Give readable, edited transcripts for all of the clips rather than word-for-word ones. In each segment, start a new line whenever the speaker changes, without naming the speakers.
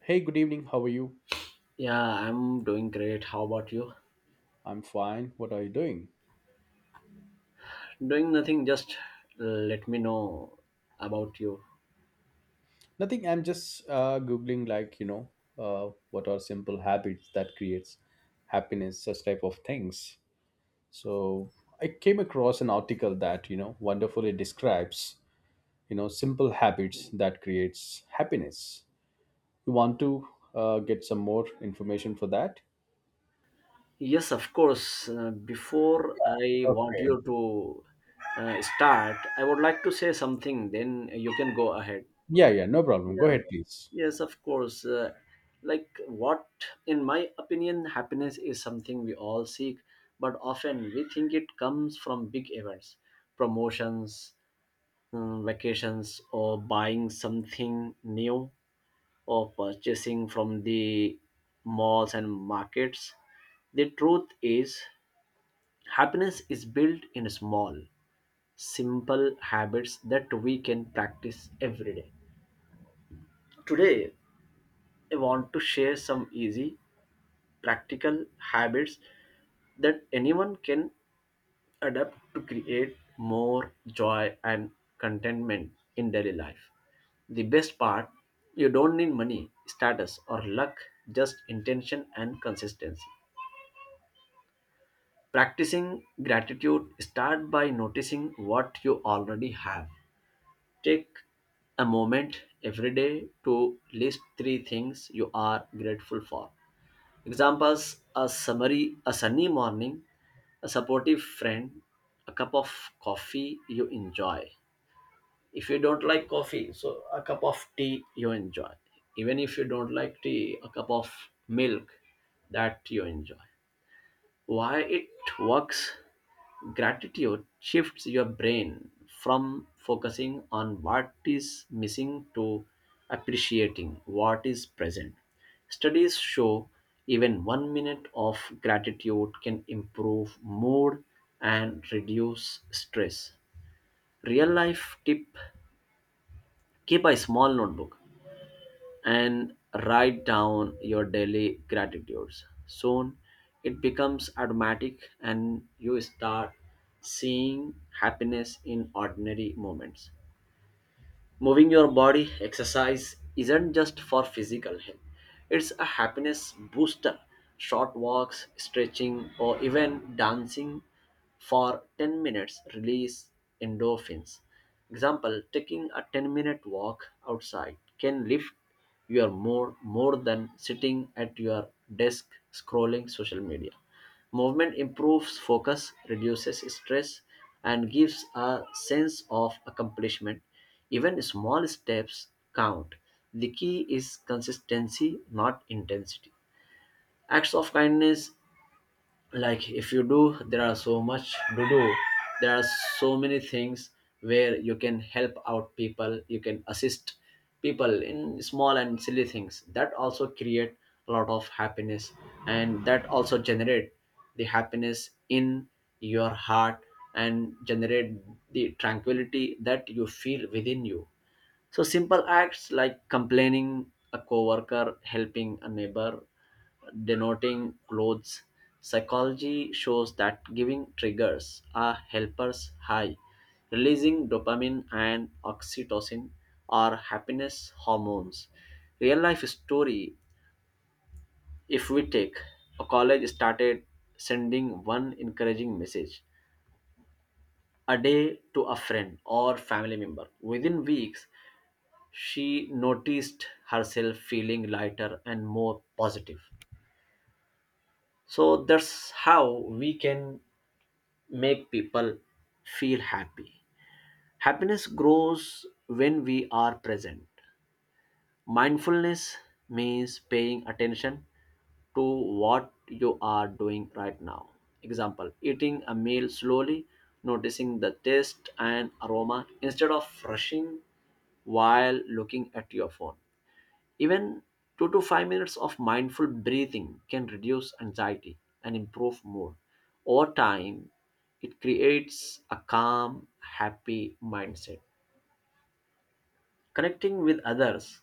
Hey, good evening. How are you?
Yeah, I'm doing great. How about you?
I'm fine. What are you doing?
Doing nothing, just uh, let me know about you.
Nothing. I'm just googling, what are simple habits that creates happiness, such type of things. So I came across an article that you know wonderfully describes you know simple habits that creates happiness. You want to get some more information for that?
Yes, of course. Before I want
Okay.
you to start, I would like to say something, then you can go ahead.
Yeah, yeah. No problem. Go
Yeah,
ahead, please.
yes, of course. Like what, in my opinion, happiness is something we all seek, but often we think it comes from big events, promotions, vacations, or buying something new. Of purchasing from the malls and markets. The truth is, happiness is built in small, simple habits that we can practice every day. Today, I want to share some easy, practical habits that anyone can adapt to create more joy and contentment in daily life. The best part, you don't need money, status, or luck, just intention and consistency. Practicing gratitude, start by noticing what you already have. Take a moment every day to list three things you are grateful for. Examples: a summary, a sunny morning, a supportive friend, a cup of coffee you enjoy. If you don't like coffee, so a cup of tea you enjoy. Even if you don't like tea, a cup of milk that you enjoy. Why it works: gratitude shifts your brain from focusing on what is missing to appreciating what is present. Studies show even 1 minute of gratitude can improve mood and reduce stress. Real life tip: keep a small notebook and write down your daily gratitudes. Soon it becomes automatic and you start seeing happiness in ordinary moments. Moving your body: exercise isn't just for physical health, it's a happiness booster. Short walks, stretching, or even dancing for 10 minutes release endorphins. Example: taking a 10-minute walk outside can lift your mood more than sitting at your desk scrolling social media. Movement improves focus, reduces stress, and gives a sense of accomplishment. Even small steps count. The key is consistency, not intensity. Acts of kindness, like if you do, there are so much to do. There are so many things where you can help out people, you can assist people in small and silly things. That also create a lot of happiness and that also generate the happiness in your heart and generate the tranquility that you feel within you. So simple acts like complaining a coworker, helping a neighbor, denoting clothes. Psychology shows that giving triggers a helper's high, releasing dopamine and oxytocin are happiness hormones. Real life story: if we take a college started sending one encouraging message a day to a friend or family member, within weeks she noticed herself feeling lighter and more positive. So that's how we can make people feel happy. Happiness grows when we are present. Mindfulness means paying attention to what you are doing right now. Example: eating a meal slowly, noticing the taste and aroma instead of rushing while looking at your phone. Even 2 to 5 minutes of mindful breathing can reduce anxiety and improve mood. Over time, it creates a calm, happy mindset. Connecting with others,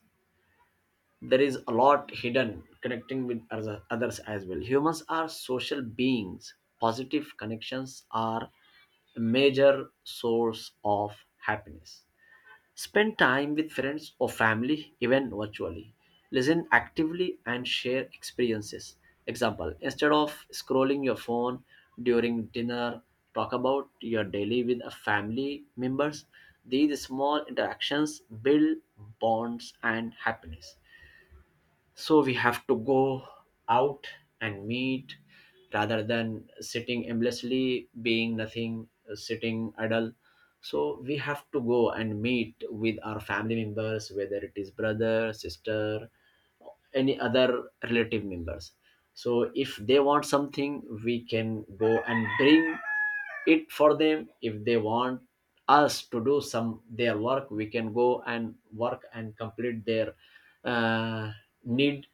there is a lot hidden connecting with others as well. Humans are social beings. Positive connections are a major source of happiness. Spend time with friends or family, even virtually. Listen actively and share experiences. Example, instead of scrolling your phone during dinner, talk about your daily with a family members. These small interactions build bonds and happiness. So we have to go out and meet rather than sitting endlessly being nothing, sitting idle. So we have to go and meet with our family members, whether it is brother, sister, any other relative members. So if they want something, we can go and bring it for them. If they want us to do some their work, we can go and work and complete their uh, need.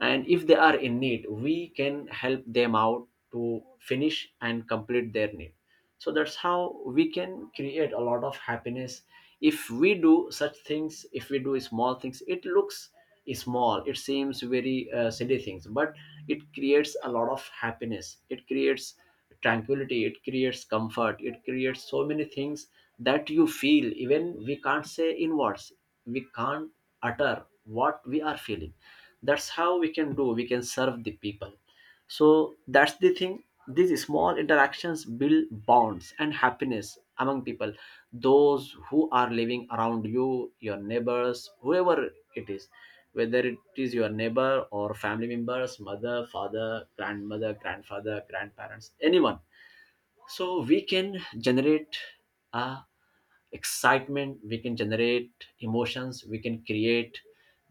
And if they are in need, we can help them out to finish and complete their need. So that's how we can create a lot of happiness. If we do such things, if we do small things, it looks small, it seems very silly things, but it creates a lot of happiness, it creates tranquility, it creates comfort, it creates so many things that you feel, even we can't say in words, we can't utter what we are feeling. That's how we can do, we can serve the people. So that's the thing. These small interactions build bonds and happiness among people. Those who are living around you, your neighbors, whoever it is, whether it is your neighbor or family members, mother, father, grandmother, grandfather, grandparents, anyone. So we can generate a excitement, we can generate emotions, we can create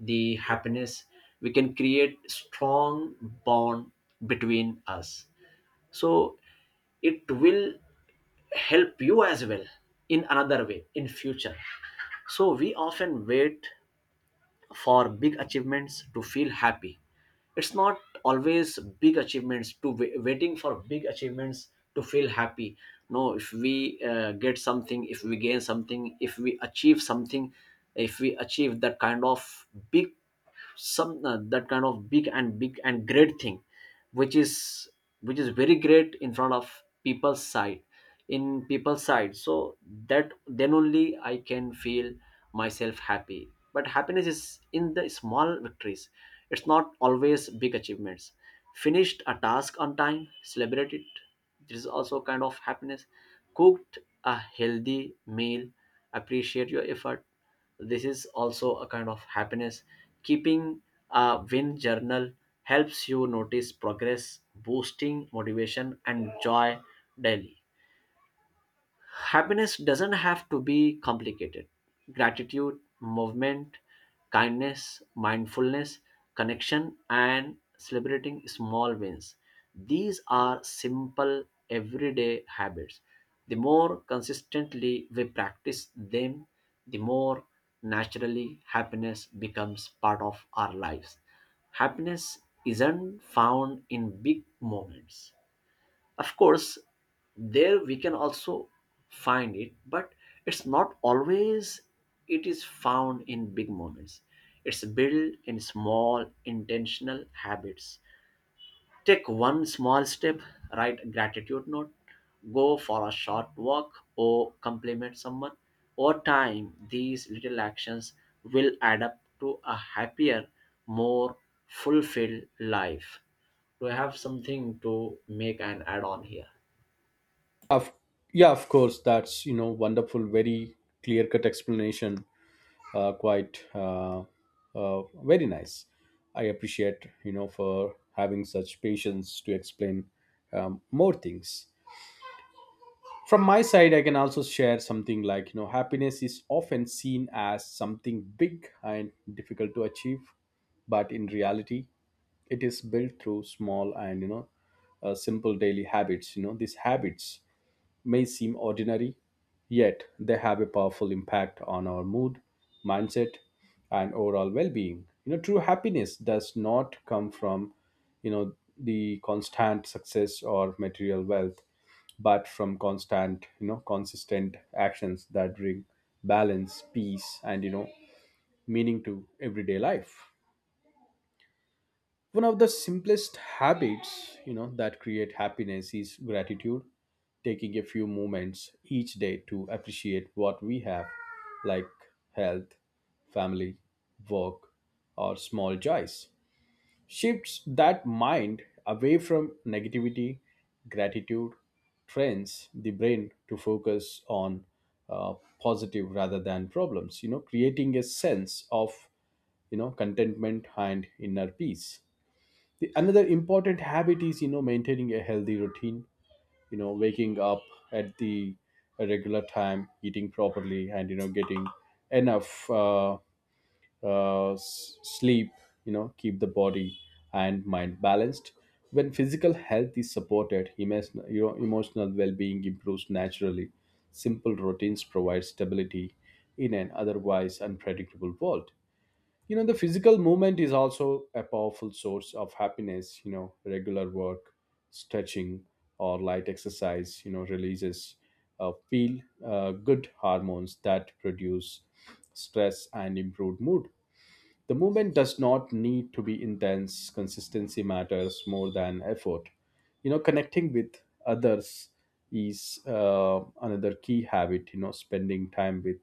the happiness, we can create strong bond between us. So it will help you as well in another way in future. So we often wait for big achievements to feel happy. It's not always big achievements, to waiting for big achievements to feel happy. No, if we get something, if we gain something, if we achieve something, if we achieve that kind of big, some that kind of big and big and great thing, which is which is very great in front of people's side, in people's side, so that then only I can feel myself happy. But happiness is in the small victories, it's not always big achievements. Finished a task on time, celebrate it. This is also kind of happiness. Cooked a healthy meal, appreciate your effort. This is also a kind of happiness. Keeping a win journal helps you notice progress, boosting motivation and joy daily. Happiness doesn't have to be complicated. Gratitude, movement, kindness, mindfulness, connection, and celebrating small wins. These are simple everyday habits. The more consistently we practice them, the more naturally happiness becomes part of our lives. Happiness isn't found in big moments, of course, there we can also find it, but it's not always it is found in big moments. It's built in small intentional habits. Take one small step, write a gratitude note, go for a short walk, or compliment someone. Over time, these little actions will add up to a happier, more fulfilled life. Do I have something to make an add on here?
Of Yeah, of course. That's you know wonderful, very clear cut explanation quite very nice. I appreciate you know for having such patience to explain more things. From my side, I can also share something like you know happiness is often seen as something big and difficult to achieve, but in reality, it is built through small and simple daily habits. You know these habits may seem ordinary, yet they have a powerful impact on our mood, mindset, and overall well-being. You know, true happiness does not come from, you know, the constant success or material wealth, but from constant, you know, consistent actions that bring balance, peace, and you know, meaning to everyday life. One of the simplest habits you know that create happiness is gratitude. Taking a few moments each day to appreciate what we have, like health, family, work, or small joys, shifts that mind away from negativity. Gratitude trains the brain to focus on uh, positive rather than problems, you know, creating a sense of, you know, contentment and inner peace. Another important habit is you know maintaining a healthy routine. You know, waking up at the a regular time, eating properly, and you know getting enough sleep, you know, keep the body and mind balanced. When physical health is supported, emotional, you know, emotional well-being improves naturally. Simple routines provide stability in an otherwise unpredictable world. You know the physical movement is also a powerful source of happiness. You know, regular work, stretching, or light exercise, you know, releases feel good hormones that reduce stress and improve mood. The movement does not need to be intense. Consistency matters more than effort. You know, connecting with others is another key habit. You know, spending time with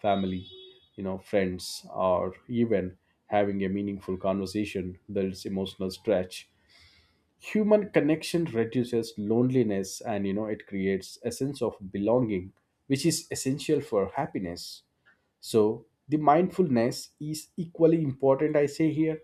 family, you know, friends, or even having a meaningful conversation builds emotional stretch. Human connection reduces loneliness, and you know, it creates a sense of belonging, which is essential for happiness. So, the mindfulness is equally important, I say here,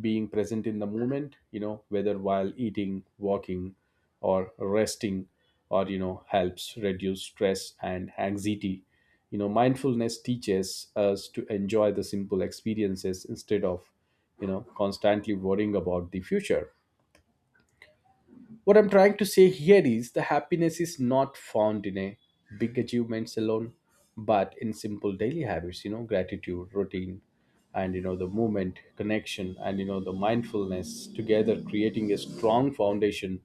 being present in the moment, you know, whether while eating, walking, or resting, or, you know, helps reduce stress and anxiety. You know, mindfulness teaches us to enjoy the simple experiences instead of, you know, constantly worrying about the future. What I'm trying to say here is the happiness is not found in a big achievements alone, but in simple daily habits, you know, gratitude, routine, and you know, the movement, connection, and you know, the mindfulness together creating a strong foundation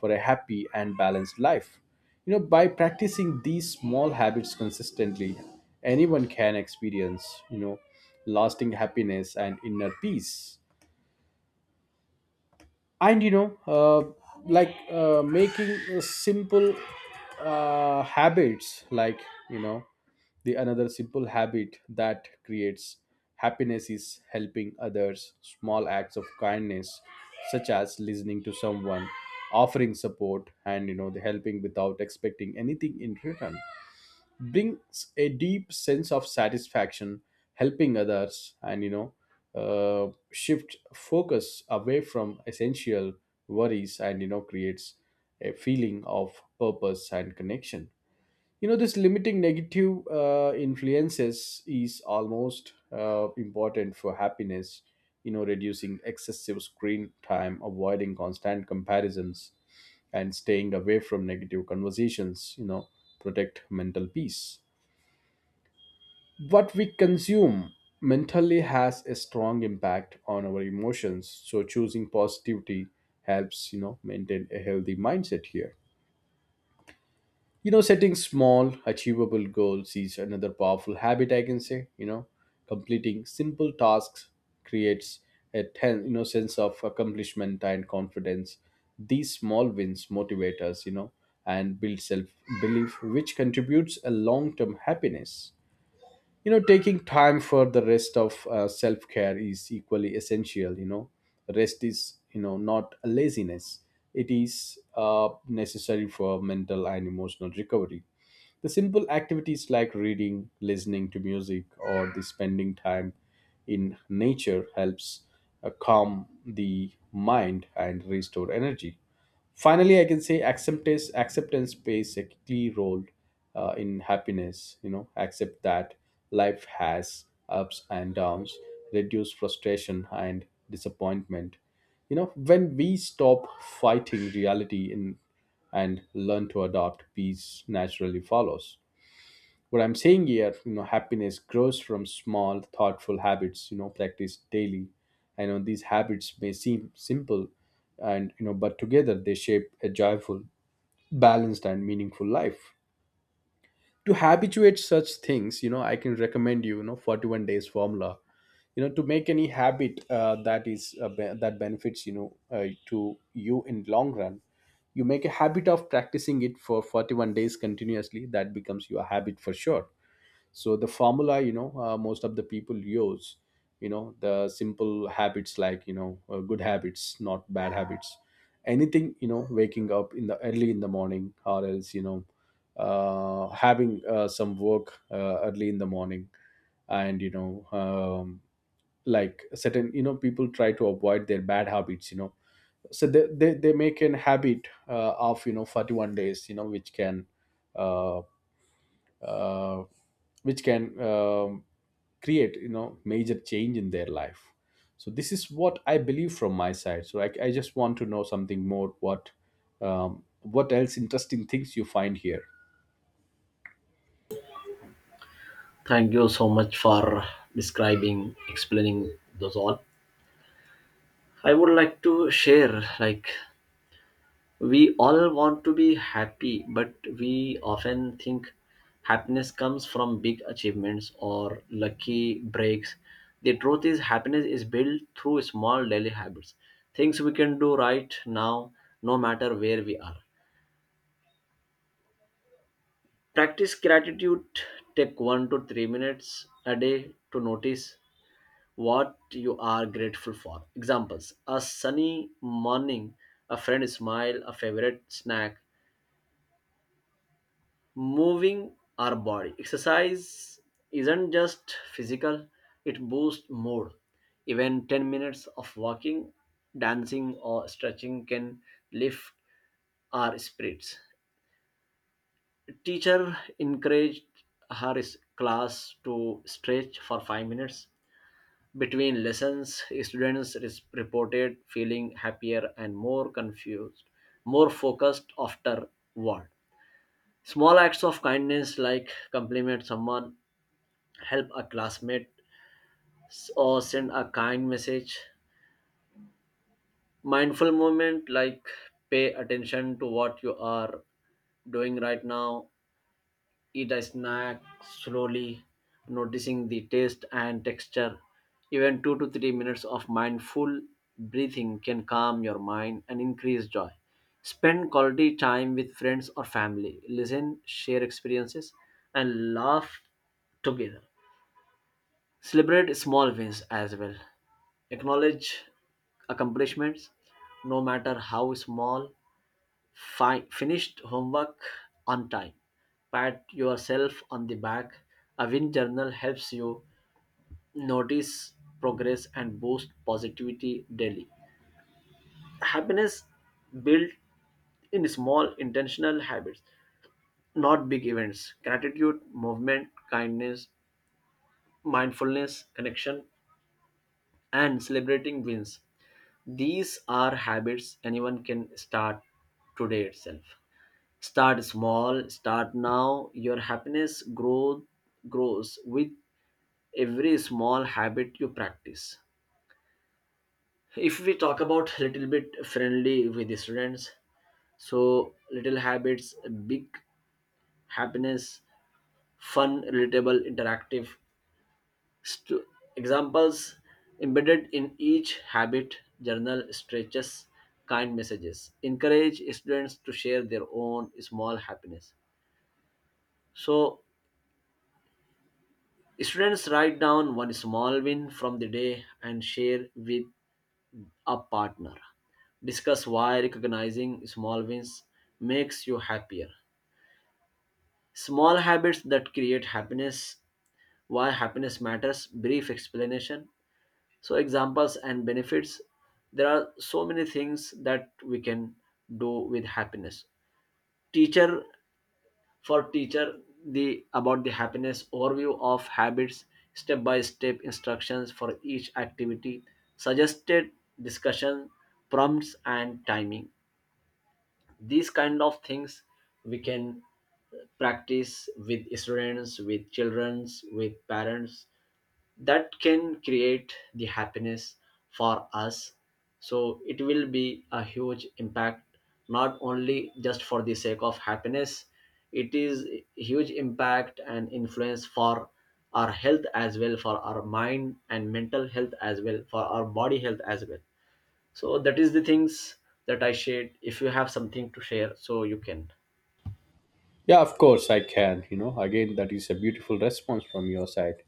for a happy and balanced life. You know, by practicing these small habits consistently, anyone can experience, you know, lasting happiness and inner peace. And you know like Making simple habits like you know, the another simple habit that creates happiness is helping others. Small acts of kindness, such as listening to someone, offering support, and you know the helping without expecting anything in return brings a deep sense of satisfaction. Helping others and you know shift focus away from essential worries and you know creates a feeling of purpose and connection. You know this limiting negative influences is almost important for happiness. You know, reducing excessive screen time, avoiding constant comparisons, and staying away from negative conversations, you know, protect mental peace. What we consume mentally has a strong impact on our emotions, so choosing positivity helps you know maintain a healthy mindset here. You know, setting small achievable goals is another powerful habit I can say. You know, completing simple tasks creates you know sense of accomplishment and confidence. These small wins motivate us, you know, and build self belief, which contributes a long term happiness. You know, taking time for the rest of self care is equally essential. You know, rest is you know not a laziness. It is necessary for mental and emotional recovery. The simple activities like reading, listening to music, or the spending time in nature helps calm the mind and restore energy. Finally, I can say acceptance. Acceptance plays a key role in happiness. You know, accept that life has ups and downs, reduce frustration and disappointment. You know, when we stop fighting reality in and learn to adopt, peace naturally follows. What I'm saying here, you know, happiness grows from small thoughtful habits you know practiced daily. I know these habits may seem simple, and you know but together they shape a joyful, balanced, and meaningful life. To habituate such things, you know, I can recommend you, you know, 41 days formula, you know, to make any habit that benefits, you know to you in long run. You make a habit of practicing it for 41 days continuously, that becomes your habit for sure. So the formula, you know most of the people use, you know the simple habits like you know good habits, not bad habits, anything, you know, waking up in the early in the morning, or else you know having some work early in the morning. And you know like certain you know people try to avoid their bad habits, you know, so they make an habit of you know 41 days, you know, uh, uh, which can create you know major change in their life. So this is what I believe from my side. So I just want to know something more. What what else interesting things you find here?
Thank you so much for describing, explaining those all. I would like to share, like we all want to be happy, but we often think happiness comes from big achievements or lucky breaks. The truth is, happiness is built through small daily habits, things we can do right now, no matter where we are. Practice gratitude, take 1 to 3 minutes a day to notice what you are grateful for. Examples: a sunny morning, a friend smile, a favorite snack. Moving our body: exercise isn't just physical, it boosts mood. Even 10 minutes of walking, dancing, or stretching can lift our spirits. Teacher encouraged her class to stretch for 5 minutes. Between lessons, students is reported feeling happier and more confused, more focused afterward. Small acts of kindness like compliment someone, help a classmate, or send a kind message. Mindful movement like pay attention to what you are doing right now, eat a snack slowly, noticing the taste and texture. Even 2 to 3 minutes of mindful breathing can calm your mind and increase joy. Spend quality time with friends or family, listen, share experiences, and laugh together. Celebrate small wins as well. Acknowledge accomplishments, no matter how small. Finished homework on time. Pat yourself on the back. A win journal helps you notice progress and boost positivity daily. Happiness built in small intentional habits, not big events. Gratitude, movement, kindness, mindfulness, connection, and celebrating wins. These are habits anyone can start today itself. Start small, start now. Your grows with every small habit you practice. If we talk about little bit friendly with the students, so little habits, big happiness, fun, relatable, interactive. Stu- Examples embedded in each habit, journal, stretches, kind messages, encourage students to share their own small happiness. So students write down one small win from the day and share with a partner. Discuss why recognizing small wins makes you happier. Small habits that create happiness, why happiness matters, brief explanation. So, examples and benefits. There are so many things that we can do with happiness. Teacher, for teacher, the about the happiness, overview of habits, step by step instructions for each activity, suggested discussion prompts and timing, these kind of things we can practice with students, with childrens, with parents, that can create the happiness for us. So it will be a huge impact, not only just for the sake of happiness, it is huge impact and influence for our health as well, for our mind and mental health as well, for our body health as well. So that is the things that I shared. If you have something to share, so you can
Yeah, of course, I can, you know, again that is a beautiful response from your side.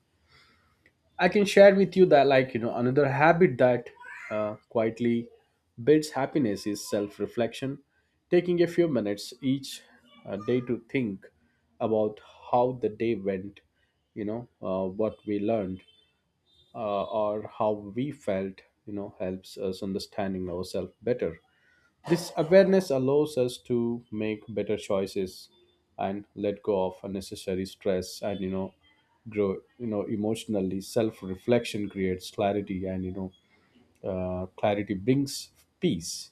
I can share with you that, like, you know, another habit that quietly builds happiness is self reflection, taking a few minutes each day to think about how the day went, you know, what we learned, or how we felt, you know, helps us understanding ourselves better. This awareness allows us to make better choices and let go of unnecessary stress and you know grow you know emotionally. Self reflection creates clarity and you know clarity brings peace.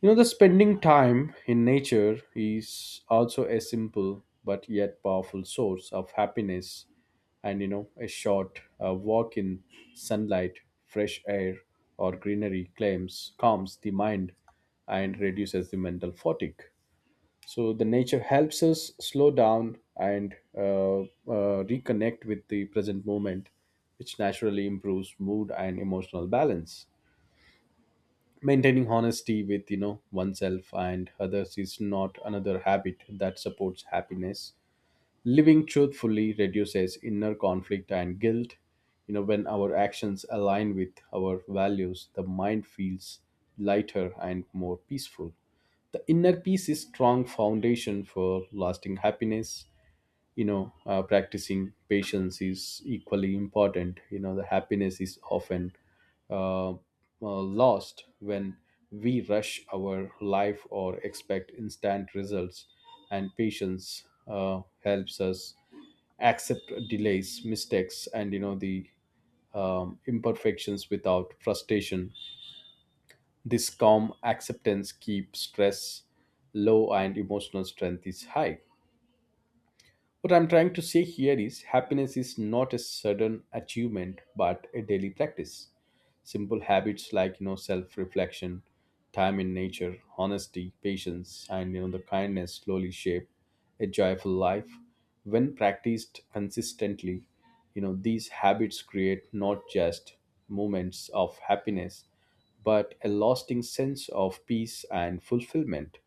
You know, the spending time in nature is also a simple but yet powerful source of happiness. And you know, a short walk in sunlight, fresh air, or greenery claims calms the mind and reduces the mental fatigue. So, the nature helps us slow down and reconnect with the present moment, which naturally improves mood and emotional balance. Maintaining honesty with you know oneself and others is not another habit that supports happiness. Living truthfully reduces inner conflict and guilt. You know, when our actions align with our values, the mind feels lighter and more peaceful. The inner peace is strong foundation for lasting happiness. You know practicing patience is equally important. You know the happiness is often uh, uh, lost when we rush our life or expect instant results. And patience helps us accept delays, mistakes, and you know the imperfections without frustration. This calm acceptance keeps stress low and emotional strength is high. What I'm trying to say here is happiness is not a sudden achievement but a daily practice. Simple habits like you know self-reflection, time in nature, honesty, patience, and you know the kindness slowly shape a joyful life. When practiced consistently, you know these habits create not just moments of happiness but a lasting sense of peace and fulfillment.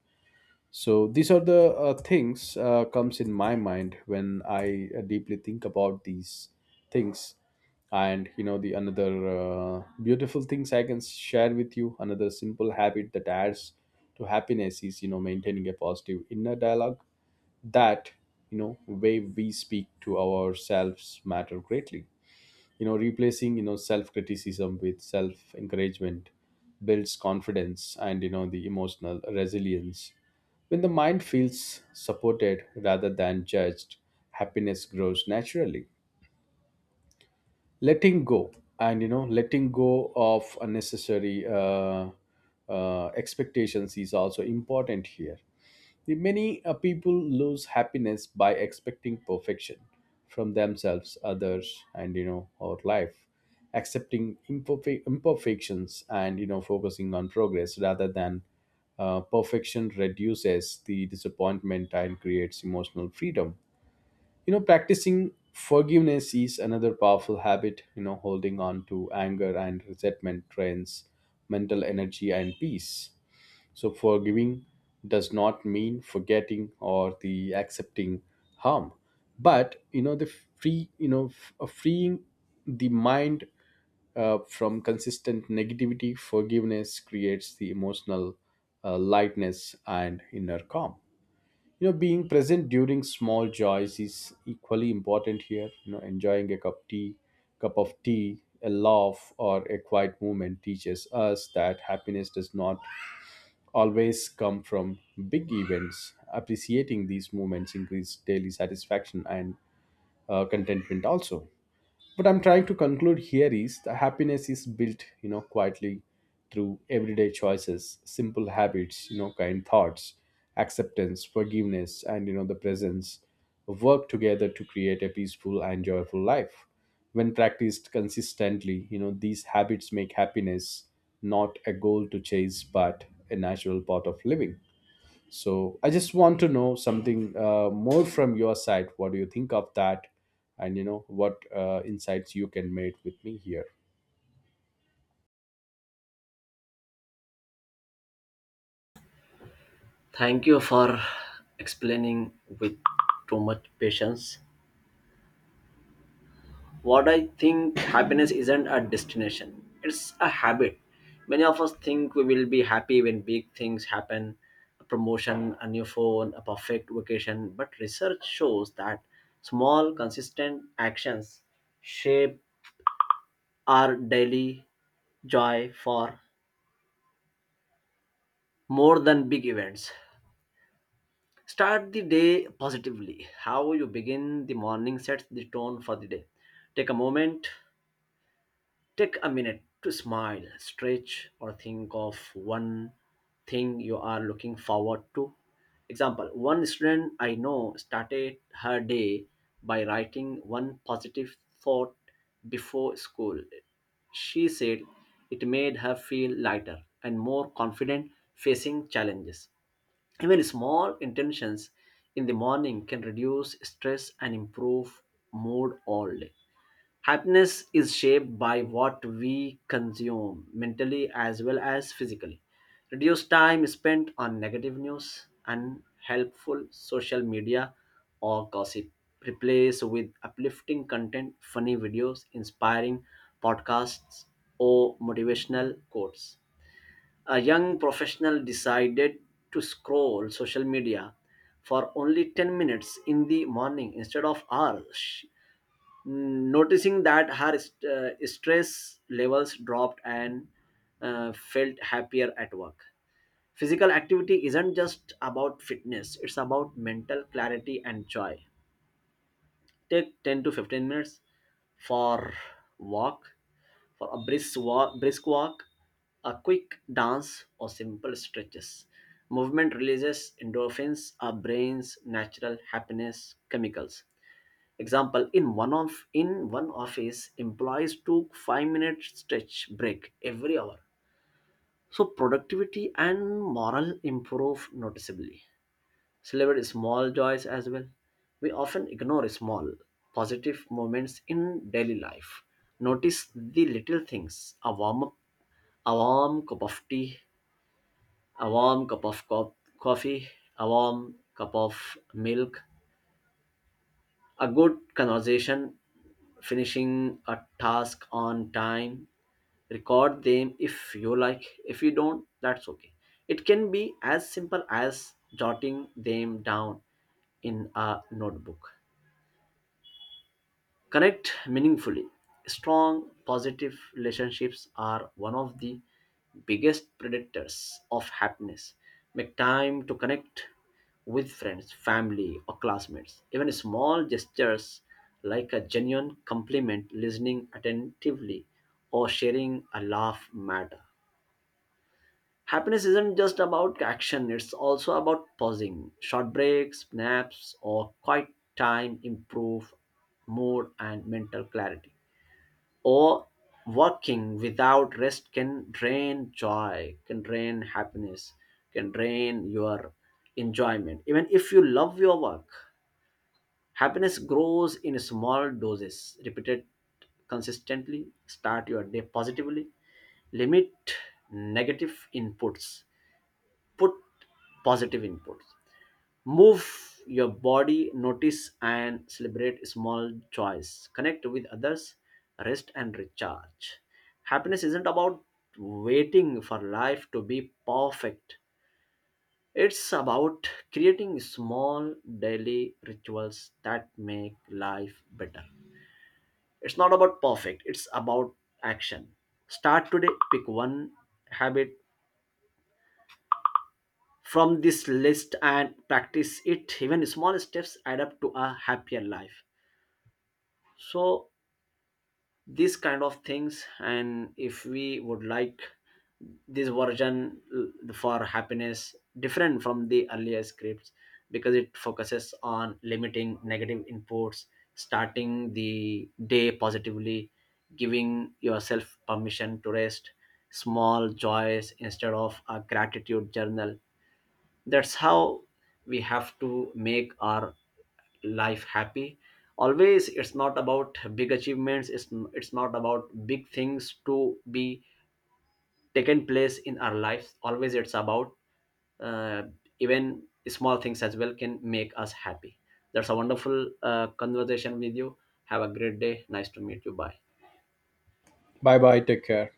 So these are the things comes in my mind when I deeply think about these things. And you know the another beautiful things I can share with you, another simple habit that adds to happiness is you know maintaining a positive inner dialogue. That you know way we speak to ourselves matter greatly. You know replacing you know self criticism with self encouragement builds confidence and you know the emotional resilience. When the mind feels supported rather than judged, happiness grows naturally. Letting go, and you know letting go of unnecessary expectations is also important here. The many people lose happiness by expecting perfection from themselves, others, and you know our life. Accepting imperfections and you know focusing on progress rather than perfection reduces the disappointment and creates emotional freedom. You know practicing forgiveness is another powerful habit. You know, holding on to anger and resentment drains mental energy and peace. So forgiving does not mean forgetting or the accepting harm, but you know the free, you know, freeing the mind from consistent negativity. Forgiveness creates the emotional lightness and inner calm. You know being present during small joys is equally important here. You know, enjoying a cup tea, cup of tea, a laugh, or a quiet moment teaches us that happiness does not always come from big events. Appreciating these moments increase daily satisfaction and contentment also. What I'm trying to conclude here is the happiness is built, you know, quietly through everyday choices, simple habits, you know, kind thoughts, acceptance, forgiveness, and you know, the presence work together to create a peaceful and joyful life. When practiced consistently, you know, these habits make happiness not a goal to chase but a natural part of living. So I just want to know something more from your side. What do you think of that? And you know what insights you can make with me here.
thank you for explaining with too much patience. What I think: happiness isn't a destination, it's a habit. Many of us think we will be happy when big things happen: a promotion, a new phone, a perfect vacation. But research shows that small, consistent actions shape our daily joy for more than big events. Start the day positively. How you begin the morning sets the tone for the day. Take a moment Take a minute to smile, stretch, or think of one thing you are looking forward to. Example: one student I know started her day by writing one positive thought before school. She said it made her feel lighter and more confident facing challenges. Even small intentions in the morning can reduce stress and improve mood all day. Happiness is shaped by what we consume mentally as well as physically. Reduce time spent on negative news and helpful social media or gossip. Replace with uplifting content, funny videos, inspiring podcasts, or motivational quotes. A young professional decided to scroll social media for only 10 minutes in the morning instead of hours, noticing that her stress levels dropped and felt happier at work. Physical activity isn't just about fitness, it's about mental clarity and joy. Take 10 to 15 minutes for walk, for a brisk walk, a quick dance or simple stretches. Movement releases endorphins, our brain's natural happiness chemicals. Example: in one office, employees took 5 minute stretch break every hour. So productivity and morale improve noticeably. Celebrate small joys as well. We often ignore small positive moments in daily life. Notice the little things: a warm, a warm cup of tea, a warm coffee, a warm cup of milk, a good conversation, finishing a task on time. Record them if you like. If you don't, that's okay. It can be as simple as jotting them down in a notebook. Connect meaningfully. Strong, positive relationships are one of the biggest predictors of happiness. Make time to connect with friends, family, or classmates. Even small gestures like a genuine compliment, listening attentively, or sharing a laugh matter. Happiness isn't just about action, it's also about pausing. Short breaks, naps, or quiet time improve mood and mental clarity. Or working without rest can drain joy, can drain your enjoyment even if you love your work. Happiness grows in small doses repeated consistently. Start your day positively, limit negative inputs, put positive inputs. Move your body, notice and celebrate small joys. Connect with others, rest and recharge. Happiness isn't about waiting for life to be perfect, it's about creating small daily rituals that make life better. It's not about perfect, it's about action. Start today, pick one habit from this list and practice it. Even small steps add up to a happier life. So these kind of things. And if we would like this version for happiness, different from the earlier scripts, because it focuses on limiting negative inputs, starting the day positively, giving yourself permission to rest, small joys instead of a gratitude journal. That's how we have to make our life happy always. It's not about big achievements, it's not about big things to be taken place in our lives always. It's about uh, even small things as well can make us happy. That's a wonderful conversation with you. Have a great day. Nice to meet you. Bye.
Bye bye. Take care.